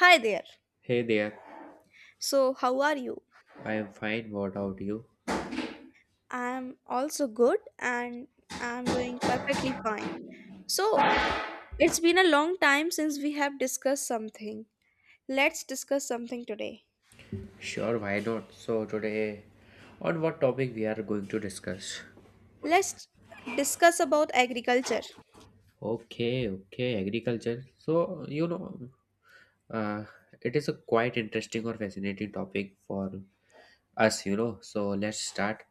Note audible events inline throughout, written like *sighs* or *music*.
Hi there. Hey there, So, how are you? I am fine. What about you? I'm also good and I'm doing perfectly fine. So, it's been a long time since we have discussed something. Let's discuss something today. Sure, why not? So, today, on what topic we are going to discuss? Let's discuss about agriculture. Okay, okay, agriculture. So, uh, it is a quite interesting or fascinating topic for us. So, let's start.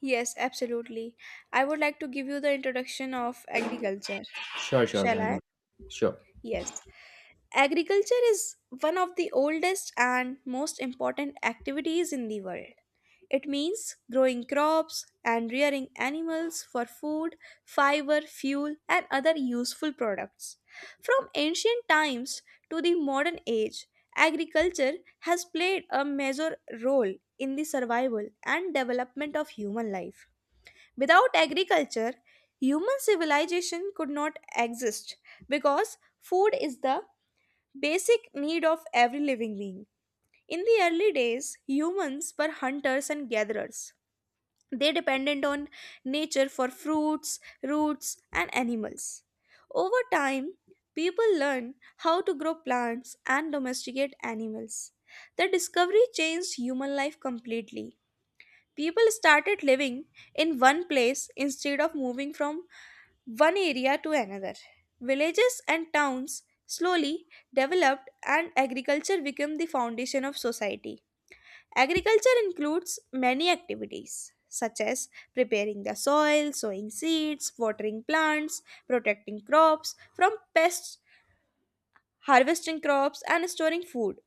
Yes, absolutely. I would like to give you the introduction of agriculture. Sure, sure, Shall why I? not? Sure. Yes. Agriculture is one of the oldest and most important activities in the world. It means growing crops and rearing animals for food, fiber, fuel, and other useful products. From ancient times to the modern age, agriculture has played a major role in the survival and development of human life. Without agriculture, human civilization could not exist because food is the basic need of every living being. In the early days, humans were hunters and gatherers. They depended on nature for fruits, roots, and animals. Over time, people learned how to grow plants and domesticate animals. The discovery changed human life completely. People started living in one place instead of moving from one area to another. Villages and towns slowly developed, and agriculture became the foundation of society. Agriculture includes many activities such as preparing the soil, sowing seeds, watering plants, protecting crops from pests, harvesting crops, and storing food.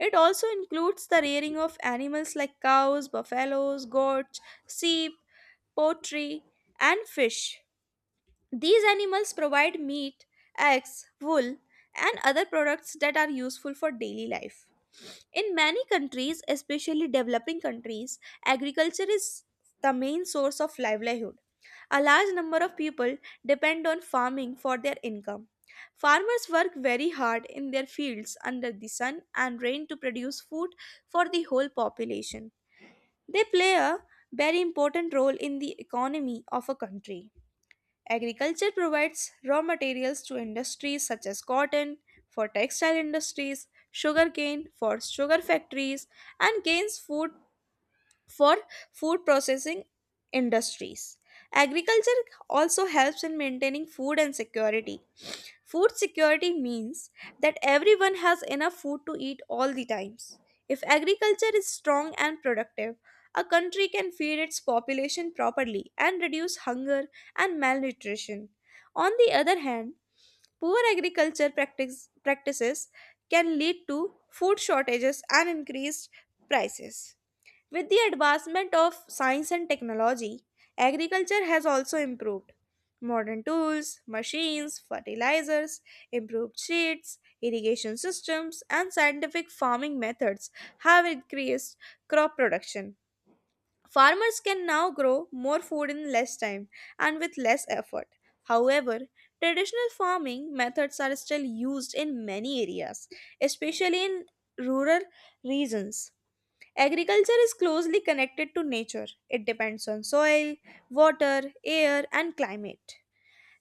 It also includes the rearing of animals like cows, buffaloes, goats, sheep, poultry, and fish. These animals provide meat, eggs, wool, and other products that are useful for daily life. In many countries, especially developing countries, agriculture is the main source of livelihood. A large number of people depend on farming for their income. Farmers work very hard in their fields under the sun and rain to produce food for the whole population. They play a very important role in the economy of a country. Agriculture provides raw materials to industries such as cotton for textile industries, sugarcane for sugar factories, and gains food for food processing industries. Agriculture also helps in maintaining food and security. Food security means that everyone has enough food to eat all the times. If agriculture is strong and productive, a country can feed its population properly and reduce hunger and malnutrition. On the other hand, poor practices can lead to food shortages and increased prices. With the advancement of science and technology, agriculture has also improved. Modern tools, machines, fertilizers, improved seeds, irrigation systems, and scientific farming methods have increased crop production. Farmers can now grow more food in less time and with less effort. However, traditional farming methods are still used in many areas, especially in rural regions. Agriculture is closely connected to nature. It depends on soil, water, air, and climate.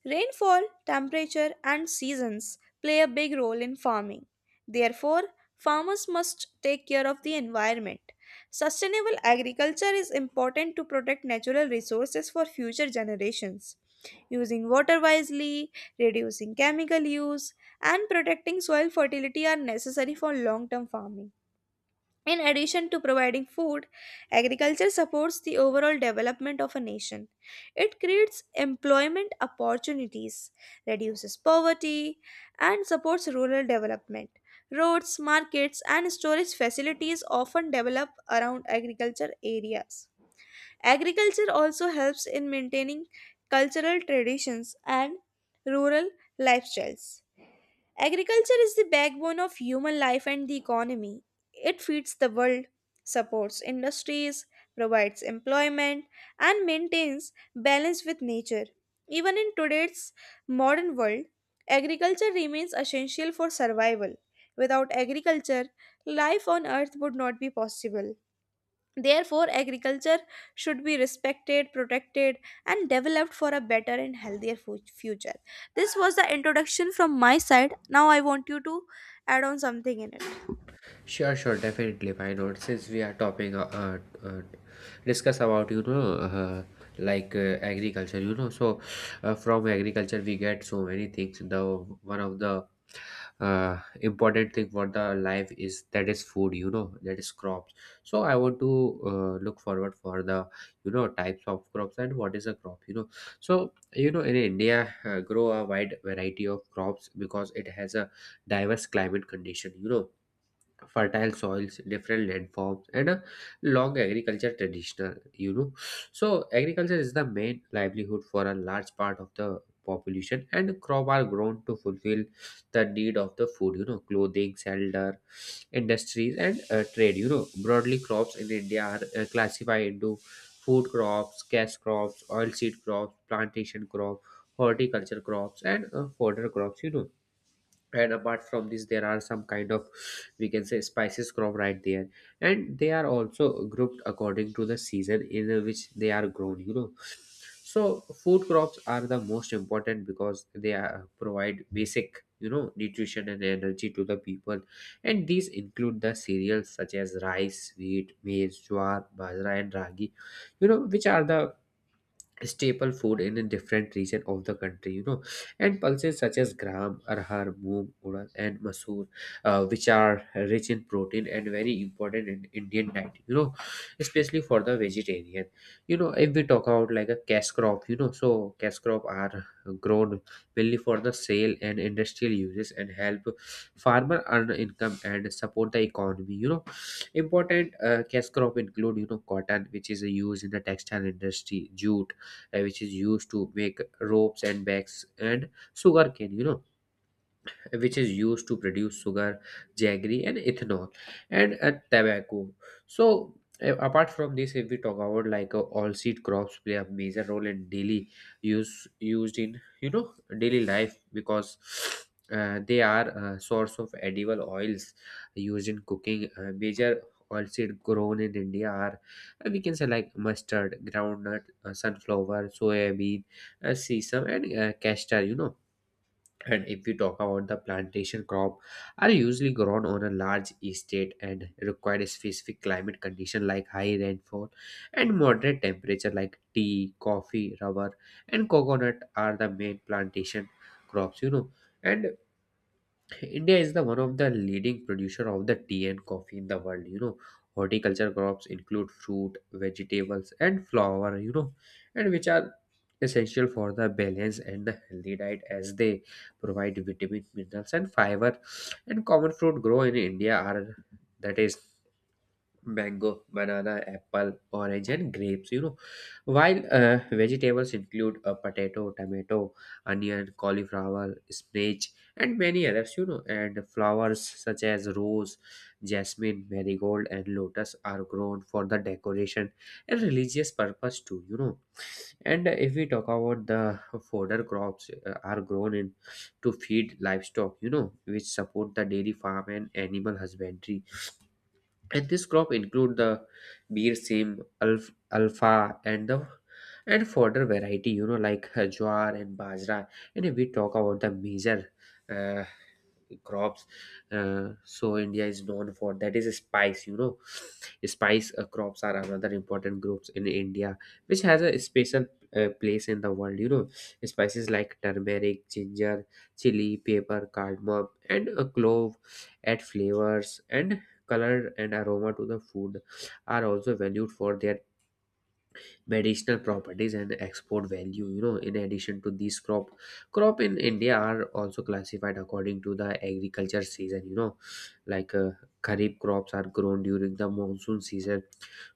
Rainfall, temperature, and seasons play a big role in farming. Therefore, farmers must take care of the environment. Sustainable agriculture is important to protect natural resources for future generations. Using water wisely, reducing chemical use, and protecting soil fertility are necessary for long term farming. In addition to providing food, agriculture supports the overall development of a nation. It creates employment opportunities, reduces poverty, and supports rural development. Roads, markets, and storage facilities often develop around agriculture areas. Agriculture also helps in maintaining cultural traditions and rural lifestyles. Agriculture is the backbone of human life and the economy. It feeds the world, supports industries, provides employment, and maintains balance with nature. Even in today's modern world, agriculture remains essential for survival. Without agriculture, life on earth would not be possible. Therefore, agriculture should be respected, protected, and developed for a better and healthier future. This was the introduction from my side. Now, I want you to add on something in it. Sure, sure, definitely. Why not? Since we are topping, uh, uh, discuss about like agriculture. So from agriculture we get so many things. The one of the important thing for the life is that is food. That is crops. So I want to look forward for the types of crops and what is a crop. So in India grow a wide variety of crops because it has a diverse climate condition. Fertile soils, different landforms, and a long agriculture traditional. So agriculture is the main livelihood for a large part of the population, and crop are grown to fulfill the need of the food, clothing, shelter, industries, and trade. Broadly, crops in India are classified into food crops, cash crops, oilseed crops, plantation crop, horticulture crops, and fodder crops. And apart from this, there are some kind of, we can say, spices crop, right there. And they are also grouped according to the season in which they are grown. So food crops are the most important because they are, provide basic, nutrition and energy to the people. And these include the cereals such as rice, wheat, maize, jowar, bajra, and ragi, which are the staple food in a different region of the country. And pulses such as gram, arhar, moong, urad, and masoor, which are rich in protein and very important in indian diet, especially for the vegetarian. If we talk about like a cash crop, so cash crop are grown mainly for the sale and industrial uses, and help farmer earn income and support the economy. Important cash crop include, cotton, which is used in the textile industry, jute, which is used to make ropes and bags, and sugarcane, which is used to produce sugar, jaggery, and ethanol, and tobacco. So, apart from this, if we talk about like all seed crops play a major role in daily use used in, daily life because they are a source of edible oils used in cooking. Major oilseed grown in India are, we can say, like mustard, groundnut, sunflower, soybean, sesame, and castor. And if we talk about the plantation crop, are usually grown on a large estate and require a specific climate condition like high rainfall and moderate temperature, like tea, coffee, rubber, and coconut are the main plantation crops. And India is the one of the leading producer of the tea and coffee in the world. Horticulture crops include fruit, vegetables, and flower, and which are essential for the balance and the healthy diet as they provide vitamin, minerals, and fiber. And common fruit grow in India are, that is, mango, banana, apple, orange, and grapes. While vegetables include potato, tomato, onion, cauliflower, spinach, and many others. And flowers such as rose, jasmine, marigold, and lotus are grown for the decoration and religious purpose too. And if we talk about the fodder crops are grown in to feed livestock, which support the dairy farm and animal husbandry. And this crop include the beer sim alpha and the and fodder variety, like jowar and bajra. And if we talk about the major uh, crops, so india is known for that is spice. Spice crops are another important groups in india, which has a special place in the world. Spices like turmeric, ginger, chili, pepper, cardamom, and clove add flavors and color and aroma to the food, are also valued for their medicinal properties and export value. In addition to these crop in india are also classified according to the agriculture season, like kharif crops are grown during the monsoon season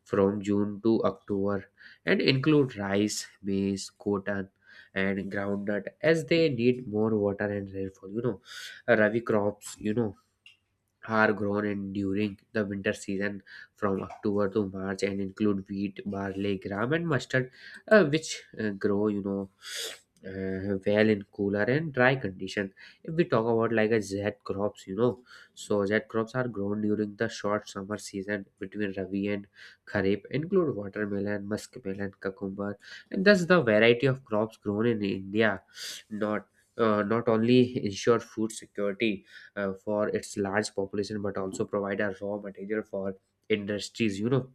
from june to october and include rice, maize, cotton, and groundnut as they need more water and rainfall. Rabi crops, are grown in during the winter season from October to March and include wheat, barley, gram, and mustard, which grow, well in cooler and dry condition. If we talk about like a Z crops, so Z crops are grown during the short summer season between Rabi and Kharif, include watermelon, muskmelon, cucumber, and thus the variety of crops grown in India, not not only ensure food security for its large population but also provide a raw material for industries,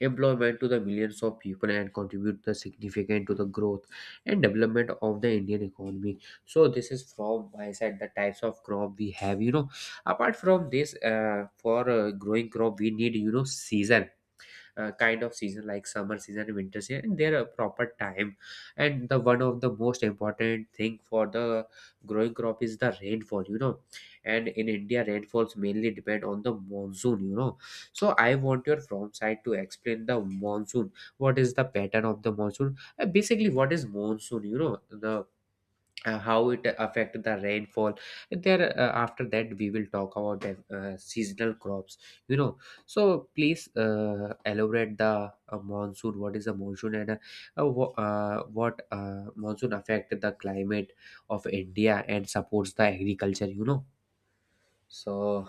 employment to the millions of people, and contribute the significant to the growth and development of the indian economy. So this is from my side the types of crop we have. Apart from this, for growing crop we need, season, kind of season, like summer season and winter season, and their proper time. And the one of the most important thing for the growing crop is the rainfall. And in india rainfalls mainly depend on the monsoon. So I want your from side to explain the monsoon, what is the pattern of the monsoon. Basically, what is monsoon, the how it affect the rainfall there, after that we will talk about the seasonal crops. you know so please elaborate the monsoon, what is a monsoon, and what monsoon affect the climate of india and supports the agriculture, so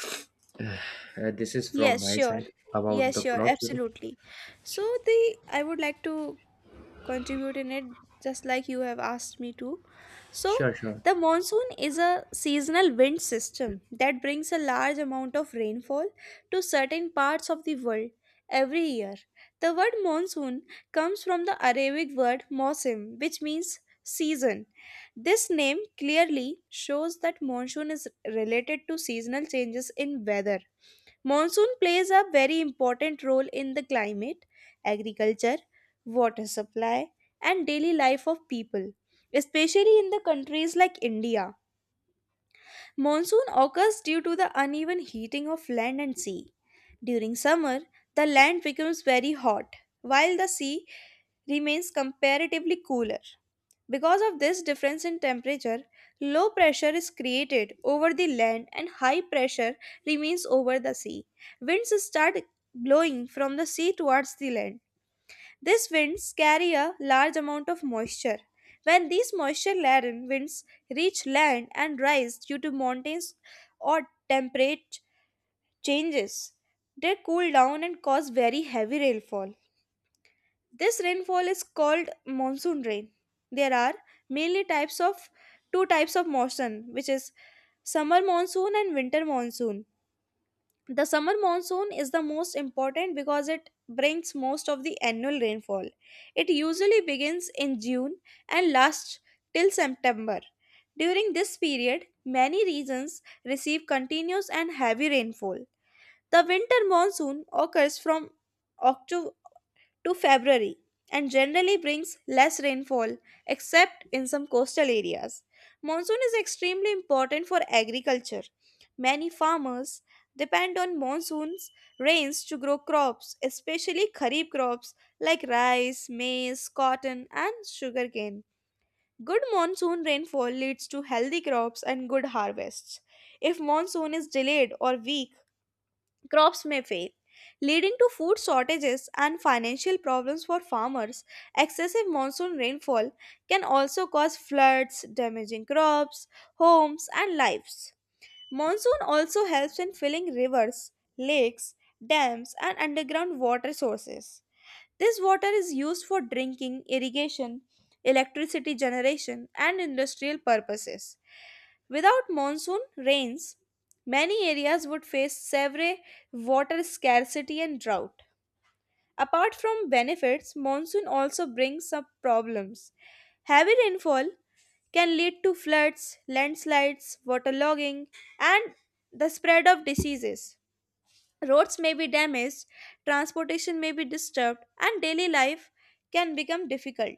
*sighs* this is from Yes, my sure. side about Yes, the sure. crops. Absolutely. So Su- the I would like to contribute in it just like you have asked me to. So sure, sure. the monsoon is a seasonal wind system that brings a large amount of rainfall to certain parts of the world every year. The word monsoon comes from the Arabic word mosim, which means season. This name clearly shows that monsoon is related to seasonal changes in weather. Monsoon plays a very important role in the climate, agriculture, water supply, and daily life of people, especially in the countries like India. Monsoon occurs due to the uneven heating of land and sea. During summer, the land becomes very hot, while the sea remains comparatively cooler. Because of this difference in temperature, low pressure is created over the land and high pressure remains over the sea. Winds start blowing from the sea towards the land. These winds carry a large amount of moisture. When these moisture laden winds reach land and rise due to mountains or temperate changes, they cool down and cause very heavy rainfall. This rainfall is called monsoon rain. There are mainly types of two types of monsoon, which is summer monsoon and winter monsoon. The summer monsoon is the most important because it brings most of the annual rainfall. It usually begins in June and lasts till September. During this period, many regions receive continuous and heavy rainfall. The winter monsoon occurs from Octo- to February and generally brings less rainfall except in some coastal areas. Monsoon is extremely important for agriculture. Many farmers depend on monsoon's rains to grow crops, especially kharif crops like rice, maize, cotton and sugarcane. Good monsoon rainfall leads to healthy crops and good harvests. If monsoon is delayed or weak, crops may fail, leading to food shortages and financial problems for farmers. Excessive monsoon rainfall can also cause floods, damaging crops, homes, and lives. Monsoon also helps in filling rivers, lakes, dams, and underground water sources. This water is used for drinking, irrigation, electricity generation, and industrial purposes. Without monsoon rains, many areas would face severe water scarcity and drought. Apart from benefits, monsoon also brings up problems. Heavy rainfall can lead to floods, landslides, waterlogging, and the spread of diseases. Roads may be damaged, transportation may be disturbed, and daily life can become difficult.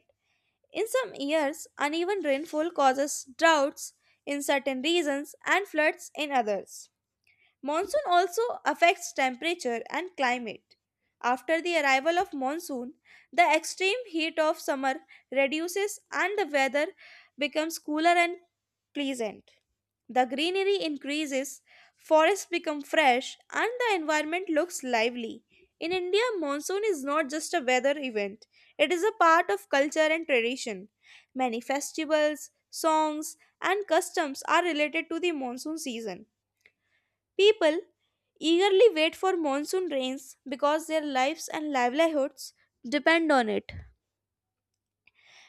In some years, uneven rainfall causes droughts in certain regions and floods in others. Monsoon also affects temperature and climate. After the arrival of monsoon, the extreme heat of summer reduces and the weather becomes cooler and pleasant. The greenery increases, forests become fresh, and the environment looks lively. In India, monsoon is not just a weather event, it is a part of culture and tradition. Many festivals, songs, and customs are related to the monsoon season. People eagerly wait for monsoon rains because their lives and livelihoods depend on it.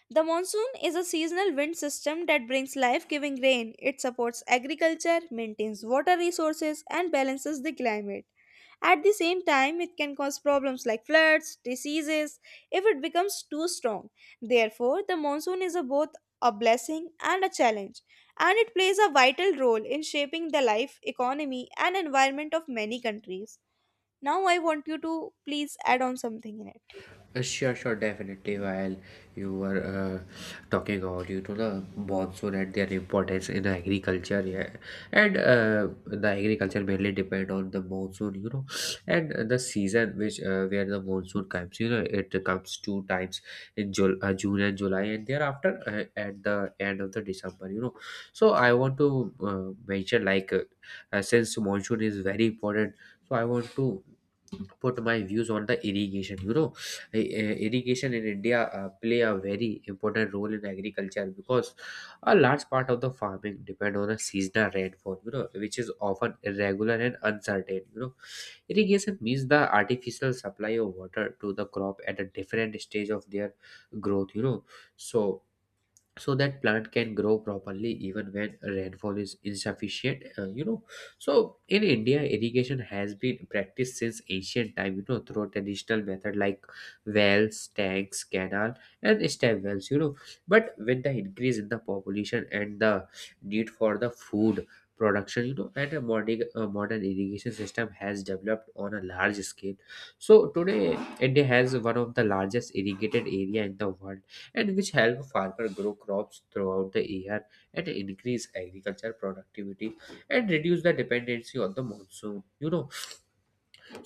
The monsoon is a seasonal wind system that brings life giving rain. It supports agriculture, maintains water resources, and balances the climate. At the same time, it can cause problems like floods, diseases, if it becomes too strong. Therefore, the monsoon is a both a blessing and a challenge, and it plays a vital role in shaping the life, economy, and environment of many countries. Now, I want you to please add on something in it. Sure, sure, definitely. While you were talking about, the monsoon and their importance in agriculture, yeah, and the agriculture mainly depend on the monsoon, and the season which where the monsoon comes, it comes two times in Jul June and July, and thereafter at the end of the December. So I want to mention like since monsoon is very important, so I want to put my views on the irrigation. Irrigation in India play a very important role in agriculture because a large part of the farming depend on a seasonal rainfall, which is often irregular and uncertain. Irrigation means the artificial supply of water to the crop at a different stage of their growth. So so that plant can grow properly even when rainfall is insufficient, so in india irrigation has been practiced since ancient time, through traditional method like wells, tanks, canal, and stem wells, but with the increase in the population and the need for the food production, and a modern irrigation system has developed on a large scale. So today india has one of the largest irrigated area in the world, and which help farmer grow crops throughout the year and increase agriculture productivity and reduce the dependency on the monsoon.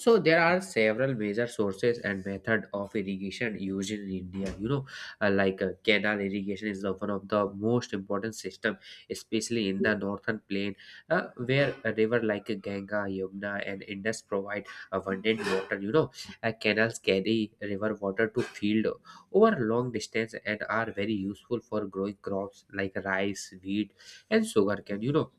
So there are several major sources and method of irrigation used in India. Like canal irrigation is one of the most important system, especially in the northern plain, where a river like Ganga, Yamuna, and Indus provide abundant water. Canals carry river water to field over long distance and are very useful for growing crops like rice, wheat, and sugarcane.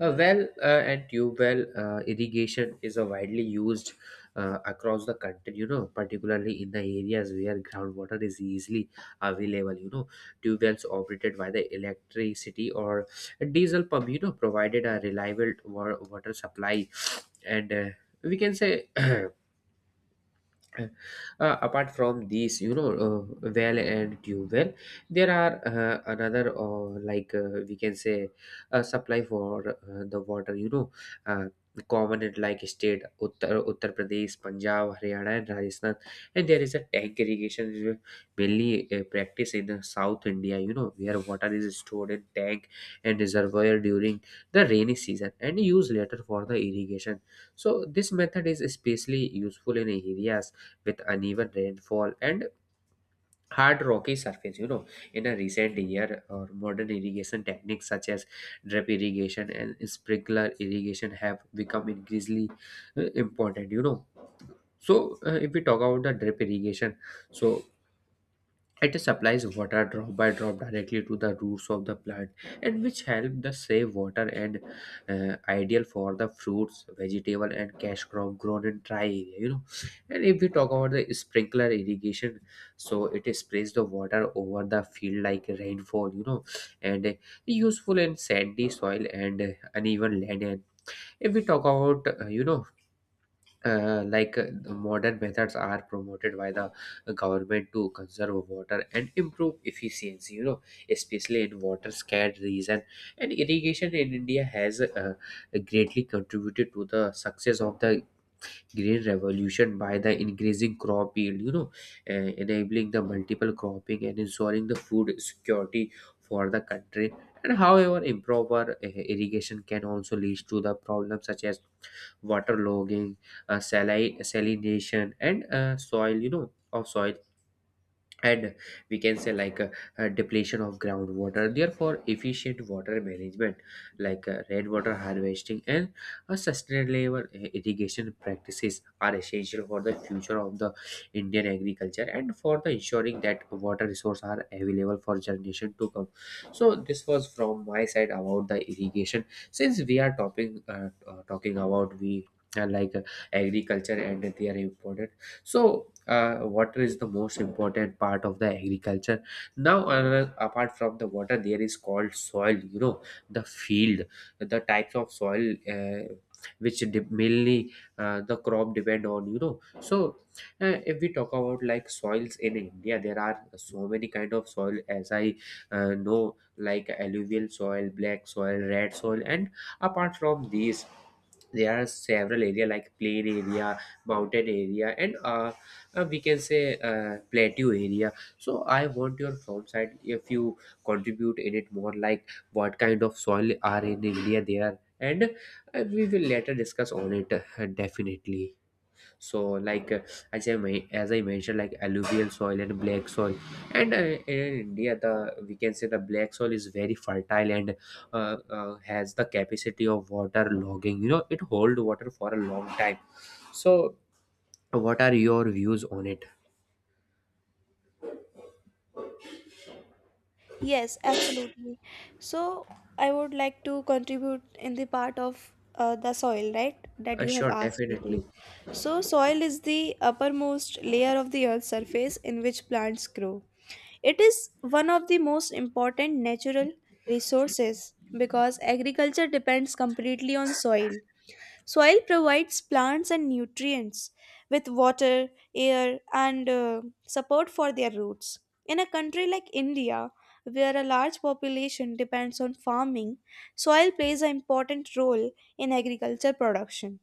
A well and tube well irrigation is a widely used across the country, particularly in the areas where groundwater is easily available. Tube wells operated by the electricity or diesel pump, provided a reliable water supply. And we can say *clears throat* apart from these, well and tube well, there are another, we can say, a supply for the water, uh, common in like state Uttar Pradesh, Punjab, Haryana, and Rajasthan. And there is a tank irrigation, which is mainly practice in the South India, you know where water is stored in tank and reservoir during the rainy season and used later for the irrigation. So this method is especially useful in areas with uneven rainfall and hard rocky surface. In a recent year or modern irrigation techniques such as drip irrigation and sprinkler irrigation have become increasingly important. So if we talk about the drip irrigation, so it supplies water drop by drop directly to the roots of the plant, and which help the save water and ideal for the fruits, vegetable, and cash crop grown in dry area. You know, and if we talk about the sprinkler irrigation, so it sprays the water over the field like rainfall. You know, and useful in sandy soil and uneven land. And if we talk about the modern methods are promoted by the government to conserve water and improve efficiency, especially in water scarce region. And irrigation in India has greatly contributed to the success of the green revolution by the increasing crop yield, enabling the multiple cropping and ensuring the food security for the country. And however improper irrigation can also lead to the problems such as waterlogging, salination, and soil, of soil, and we can say like a depletion of groundwater. Therefore efficient water management like rainwater harvesting and a sustainable irrigation practices are essential for the future of the Indian agriculture and for the ensuring that water resources are available for generation to come. So this was from my side about the irrigation. Since we are talking about we like agriculture and their importance, so water is the most important part of the agriculture. Now another, apart from the water, there is called soil, the field, the types of soil, which mainly the crop depend on. So if we talk about like soils in India, there are so many kind of soil, as I know, like alluvial soil, black soil, red soil. And apart from these, there are several area like plain area, mountain area, and we can say plateau area. So I want your from side if you contribute in it more, like what kind of soil are in India there. And we will later discuss on it, definitely. So like as I mentioned, like alluvial soil and black soil. And in India, the, we can say, the black soil is very fertile and has the capacity of water logging. It hold water for a long time. So what are your views on it? Yes, absolutely. So I would like to contribute in the part of the soil, right? That you have Sure, asked me to. definitely. So, soil is the uppermost layer of the earth's surface in which plants grow. It is one of the most important natural resources because agriculture depends completely on soil. Soil provides plants and nutrients with water, air, and support for their roots. In a country like India, where a large population depends on farming, soil plays an important role in agriculture production.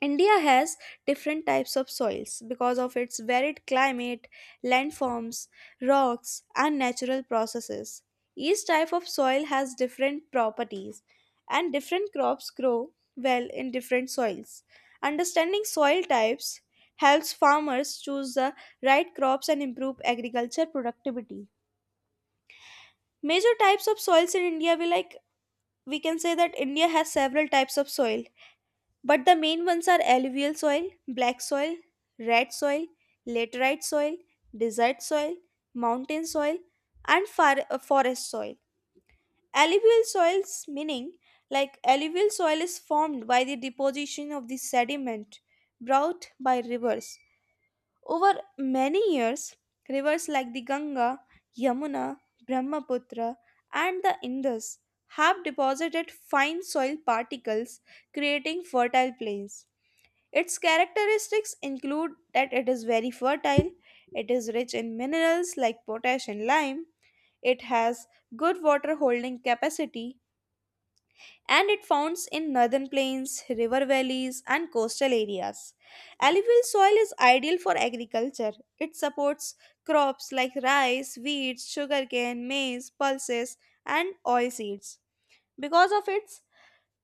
India has different types of soils because of its varied climate, landforms, rocks, and natural processes. Each type of soil has different properties, and different crops grow well in different soils. Understanding soil types helps farmers choose the right crops and improve agriculture productivity. Major types of soils in India we can say that India has several types of soil but the main ones are alluvial soil, black soil, red soil, laterite soil, desert soil, mountain soil, and forest soil. Alluvial soils meaning Alluvial soil is formed by the deposition of the sediment brought by rivers. Over many years, rivers like the Ganga, Yamuna, Brahmaputra, and the Indus have deposited fine soil particles creating fertile plains. Its characteristics include that it is very fertile, it is rich in minerals like potash and lime, it has good water holding capacity, and it founds in northern plains, river valleys, and coastal areas. Alluvial soil is ideal for agriculture. It supports crops like rice, wheat, sugarcane, maize, pulses, and oilseeds because of its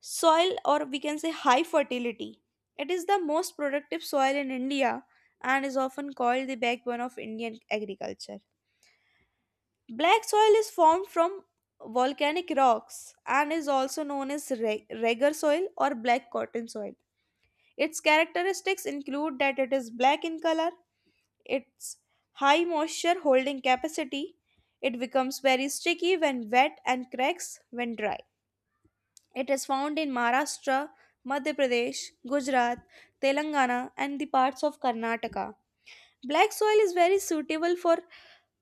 soil or we can say high fertility. It is the most productive soil in India and is often called the backbone of Indian agriculture. Black soil is formed from volcanic rocks and is also known as regger soil or black cotton soil. Its characteristics include that it is black in color, its high moisture holding capacity, it becomes very sticky when wet and cracks when dry. It is found in Maharashtra, Madhya Pradesh, Gujarat, Telangana, and the parts of Karnataka. Black soil is very suitable for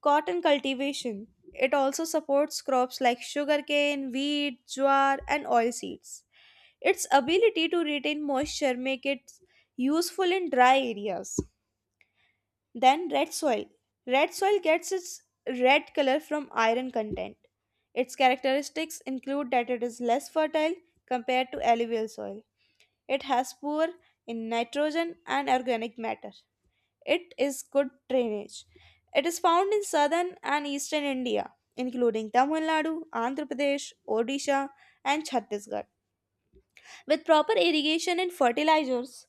cotton cultivation. It also supports crops like sugarcane, wheat, jowar, and oilseeds. Its ability to retain moisture make it useful in dry areas. Then red soil. Red soil gets its red color from iron content. Its characteristics include that it is less fertile compared to alluvial soil. It has poor in nitrogen and organic matter. It is good drainage. It is found in southern and eastern India, including Tamil Nadu, Andhra Pradesh, Odisha, and Chhattisgarh. With proper irrigation and fertilizers,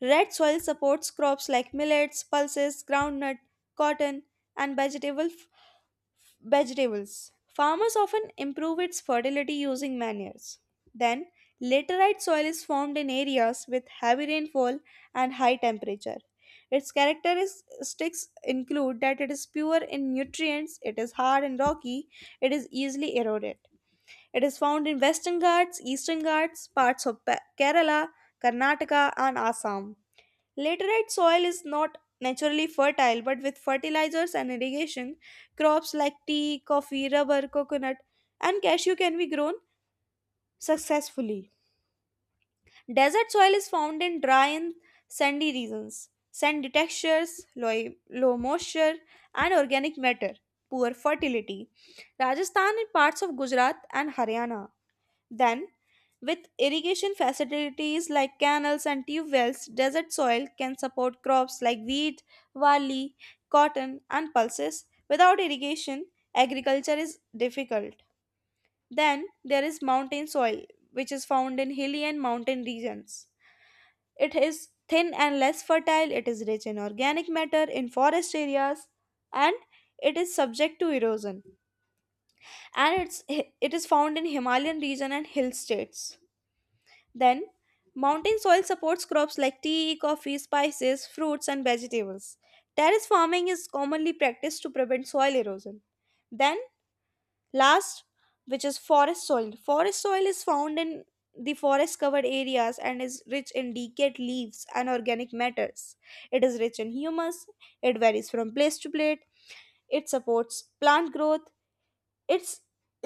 red soil supports crops like millets, pulses, groundnut, cotton, and vegetables. Farmers often improve its fertility using manures. Then, laterite soil is formed in areas with heavy rainfall and high temperature. Its characteristics include that it is pure in nutrients, it is hard and rocky, it is easily eroded. It is found in Western Ghats, Eastern Ghats, parts of Kerala, Karnataka, and Assam. Laterite soil is not naturally fertile, but with fertilizers and irrigation, crops like tea, coffee, rubber, coconut, and cashew can be grown successfully. Desert soil is found in dry and sandy regions, sandy textures, low moisture, and organic matter, poor fertility. Rajasthan and parts of Gujarat and Haryana then, with irrigation facilities like canals and tube wells, desert soil can support crops like wheat, barley, cotton, and pulses. Without irrigation, agriculture is difficult. Then, there is mountain soil, which is found in hilly and mountain regions. It is thin and less fertile, it is rich in organic matter in forest areas, and it is subject to erosion. It is found in Himalayan region and hill states. Then, mountain soil supports crops like tea, coffee, spices, fruits, and vegetables. Terrace farming is commonly practiced to prevent soil erosion. Then, last, which is forest soil. Forest soil is found in the forest covered areas and is rich in decayed leaves and organic matters. It is rich in humus, it varies from place to place, it supports plant growth, it's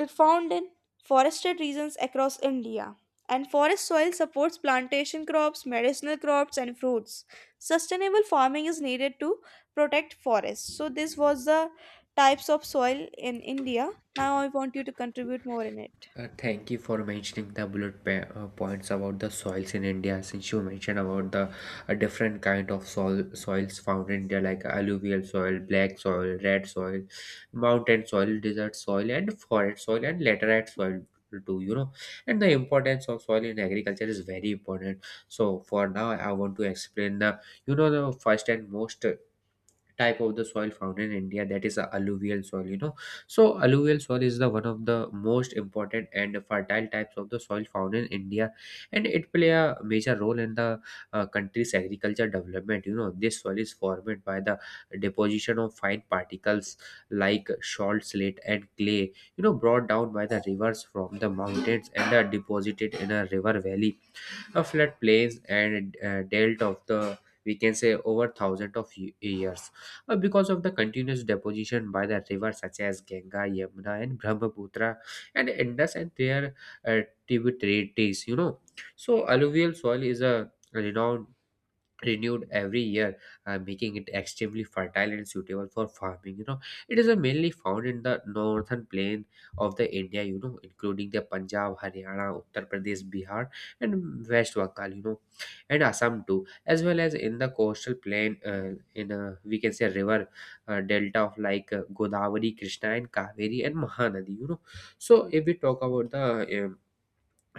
found in forested regions across India, and forest soil supports plantation crops, medicinal crops, and fruits. Sustainable farming is needed to protect forests. So, this was the types of soil in India. Now, I want you to contribute more in it. Thank you for mentioning the bullet points about the soils in India. Since you mentioned about the different kind of soils found in India, like alluvial soil, black soil, red soil, mountain soil, desert soil, and forest soil, and laterite soil too. You know, and the importance of soil in agriculture is very important. So for now, I want to explain the, the first and most type of the soil found in India, that is a alluvial soil. So alluvial soil is the one of the most important and fertile types of the soil found in India, and it play a major role in the country's agriculture development. This soil is formed by the deposition of fine particles like salt slate and clay, brought down by the rivers from the mountains and are deposited in a river valley, a flat plains, and dealt of the, we can say, over thousands of years. Because of the continuous deposition by the rivers such as Ganga, Yamuna, and Brahmaputra, and Indus, and their uh, tributaries. You know, so alluvial soil is a renowned renewed every year, making it extremely fertile and suitable for farming. It is mainly found in the northern plain of the India, including the Punjab, Haryana, Uttar Pradesh, Bihar, and West Bengal, and Assam too, as well as in the coastal plain, in we can say river delta of like Godavari, Krishna, and Kaveri, and Mahanadi. So if we talk about the um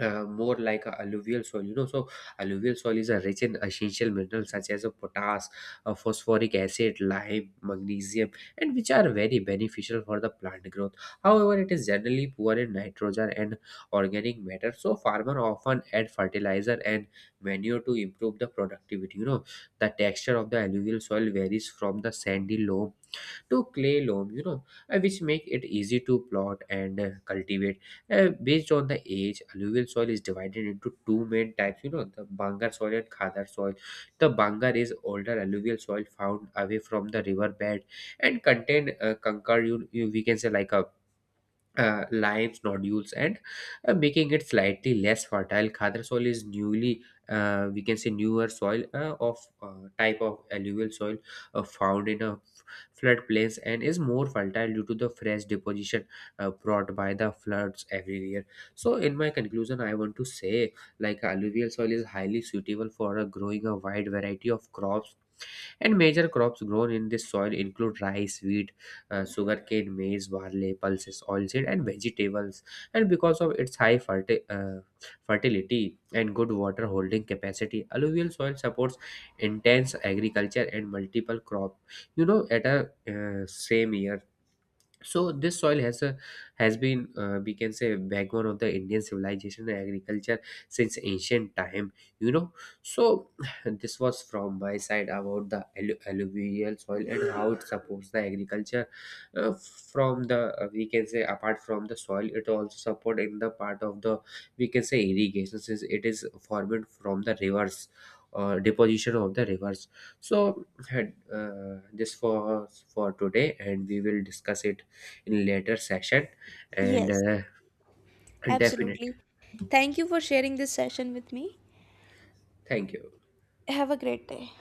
more like a alluvial soil, so alluvial soil is a rich in essential minerals such as a potash, phosphoric acid, lime, magnesium, and which are very beneficial for the plant growth. However, it is generally poor in nitrogen and organic matter, so farmer often add fertilizer and manure to improve the productivity. The texture of the alluvial soil varies from the sandy loam to clay loam, which make it easy to plot and cultivate. Based on the age, alluvial soil is divided into two main types, the bangar soil and khadar soil. The bangar is older alluvial soil found away from the river bed and contain conquer, you we can say like a limes, nodules, and making it slightly less fertile. Khadar soil is newly, we can say, newer soil of type of alluvial soil, found in a floodplains and is more fertile due to the fresh deposition brought by the floods every year. So, in my conclusion, I want to say like alluvial soil is highly suitable for growing a wide variety of crops, and major crops grown in this soil include rice, wheat, sugarcane, maize, barley, pulses, oilseed, and vegetables. And because of its high fertility and good water holding capacity, alluvial soil supports intense agriculture and multiple crop. You know, at a same year, so this soil has been, we can say, backbone of the Indian civilization and agriculture since ancient time. you know so *sighs* this was from my side about the alluvial soil and how it supports the agriculture, from the we can say, apart from the soil it also support in the part of the, we can say, irrigation, since it is formed from the rivers, deposition of the rivers. So had this for today and we will discuss it in later session. And Yes, definitely, absolutely. Thank you for sharing this session with me. thank you. Have a great day.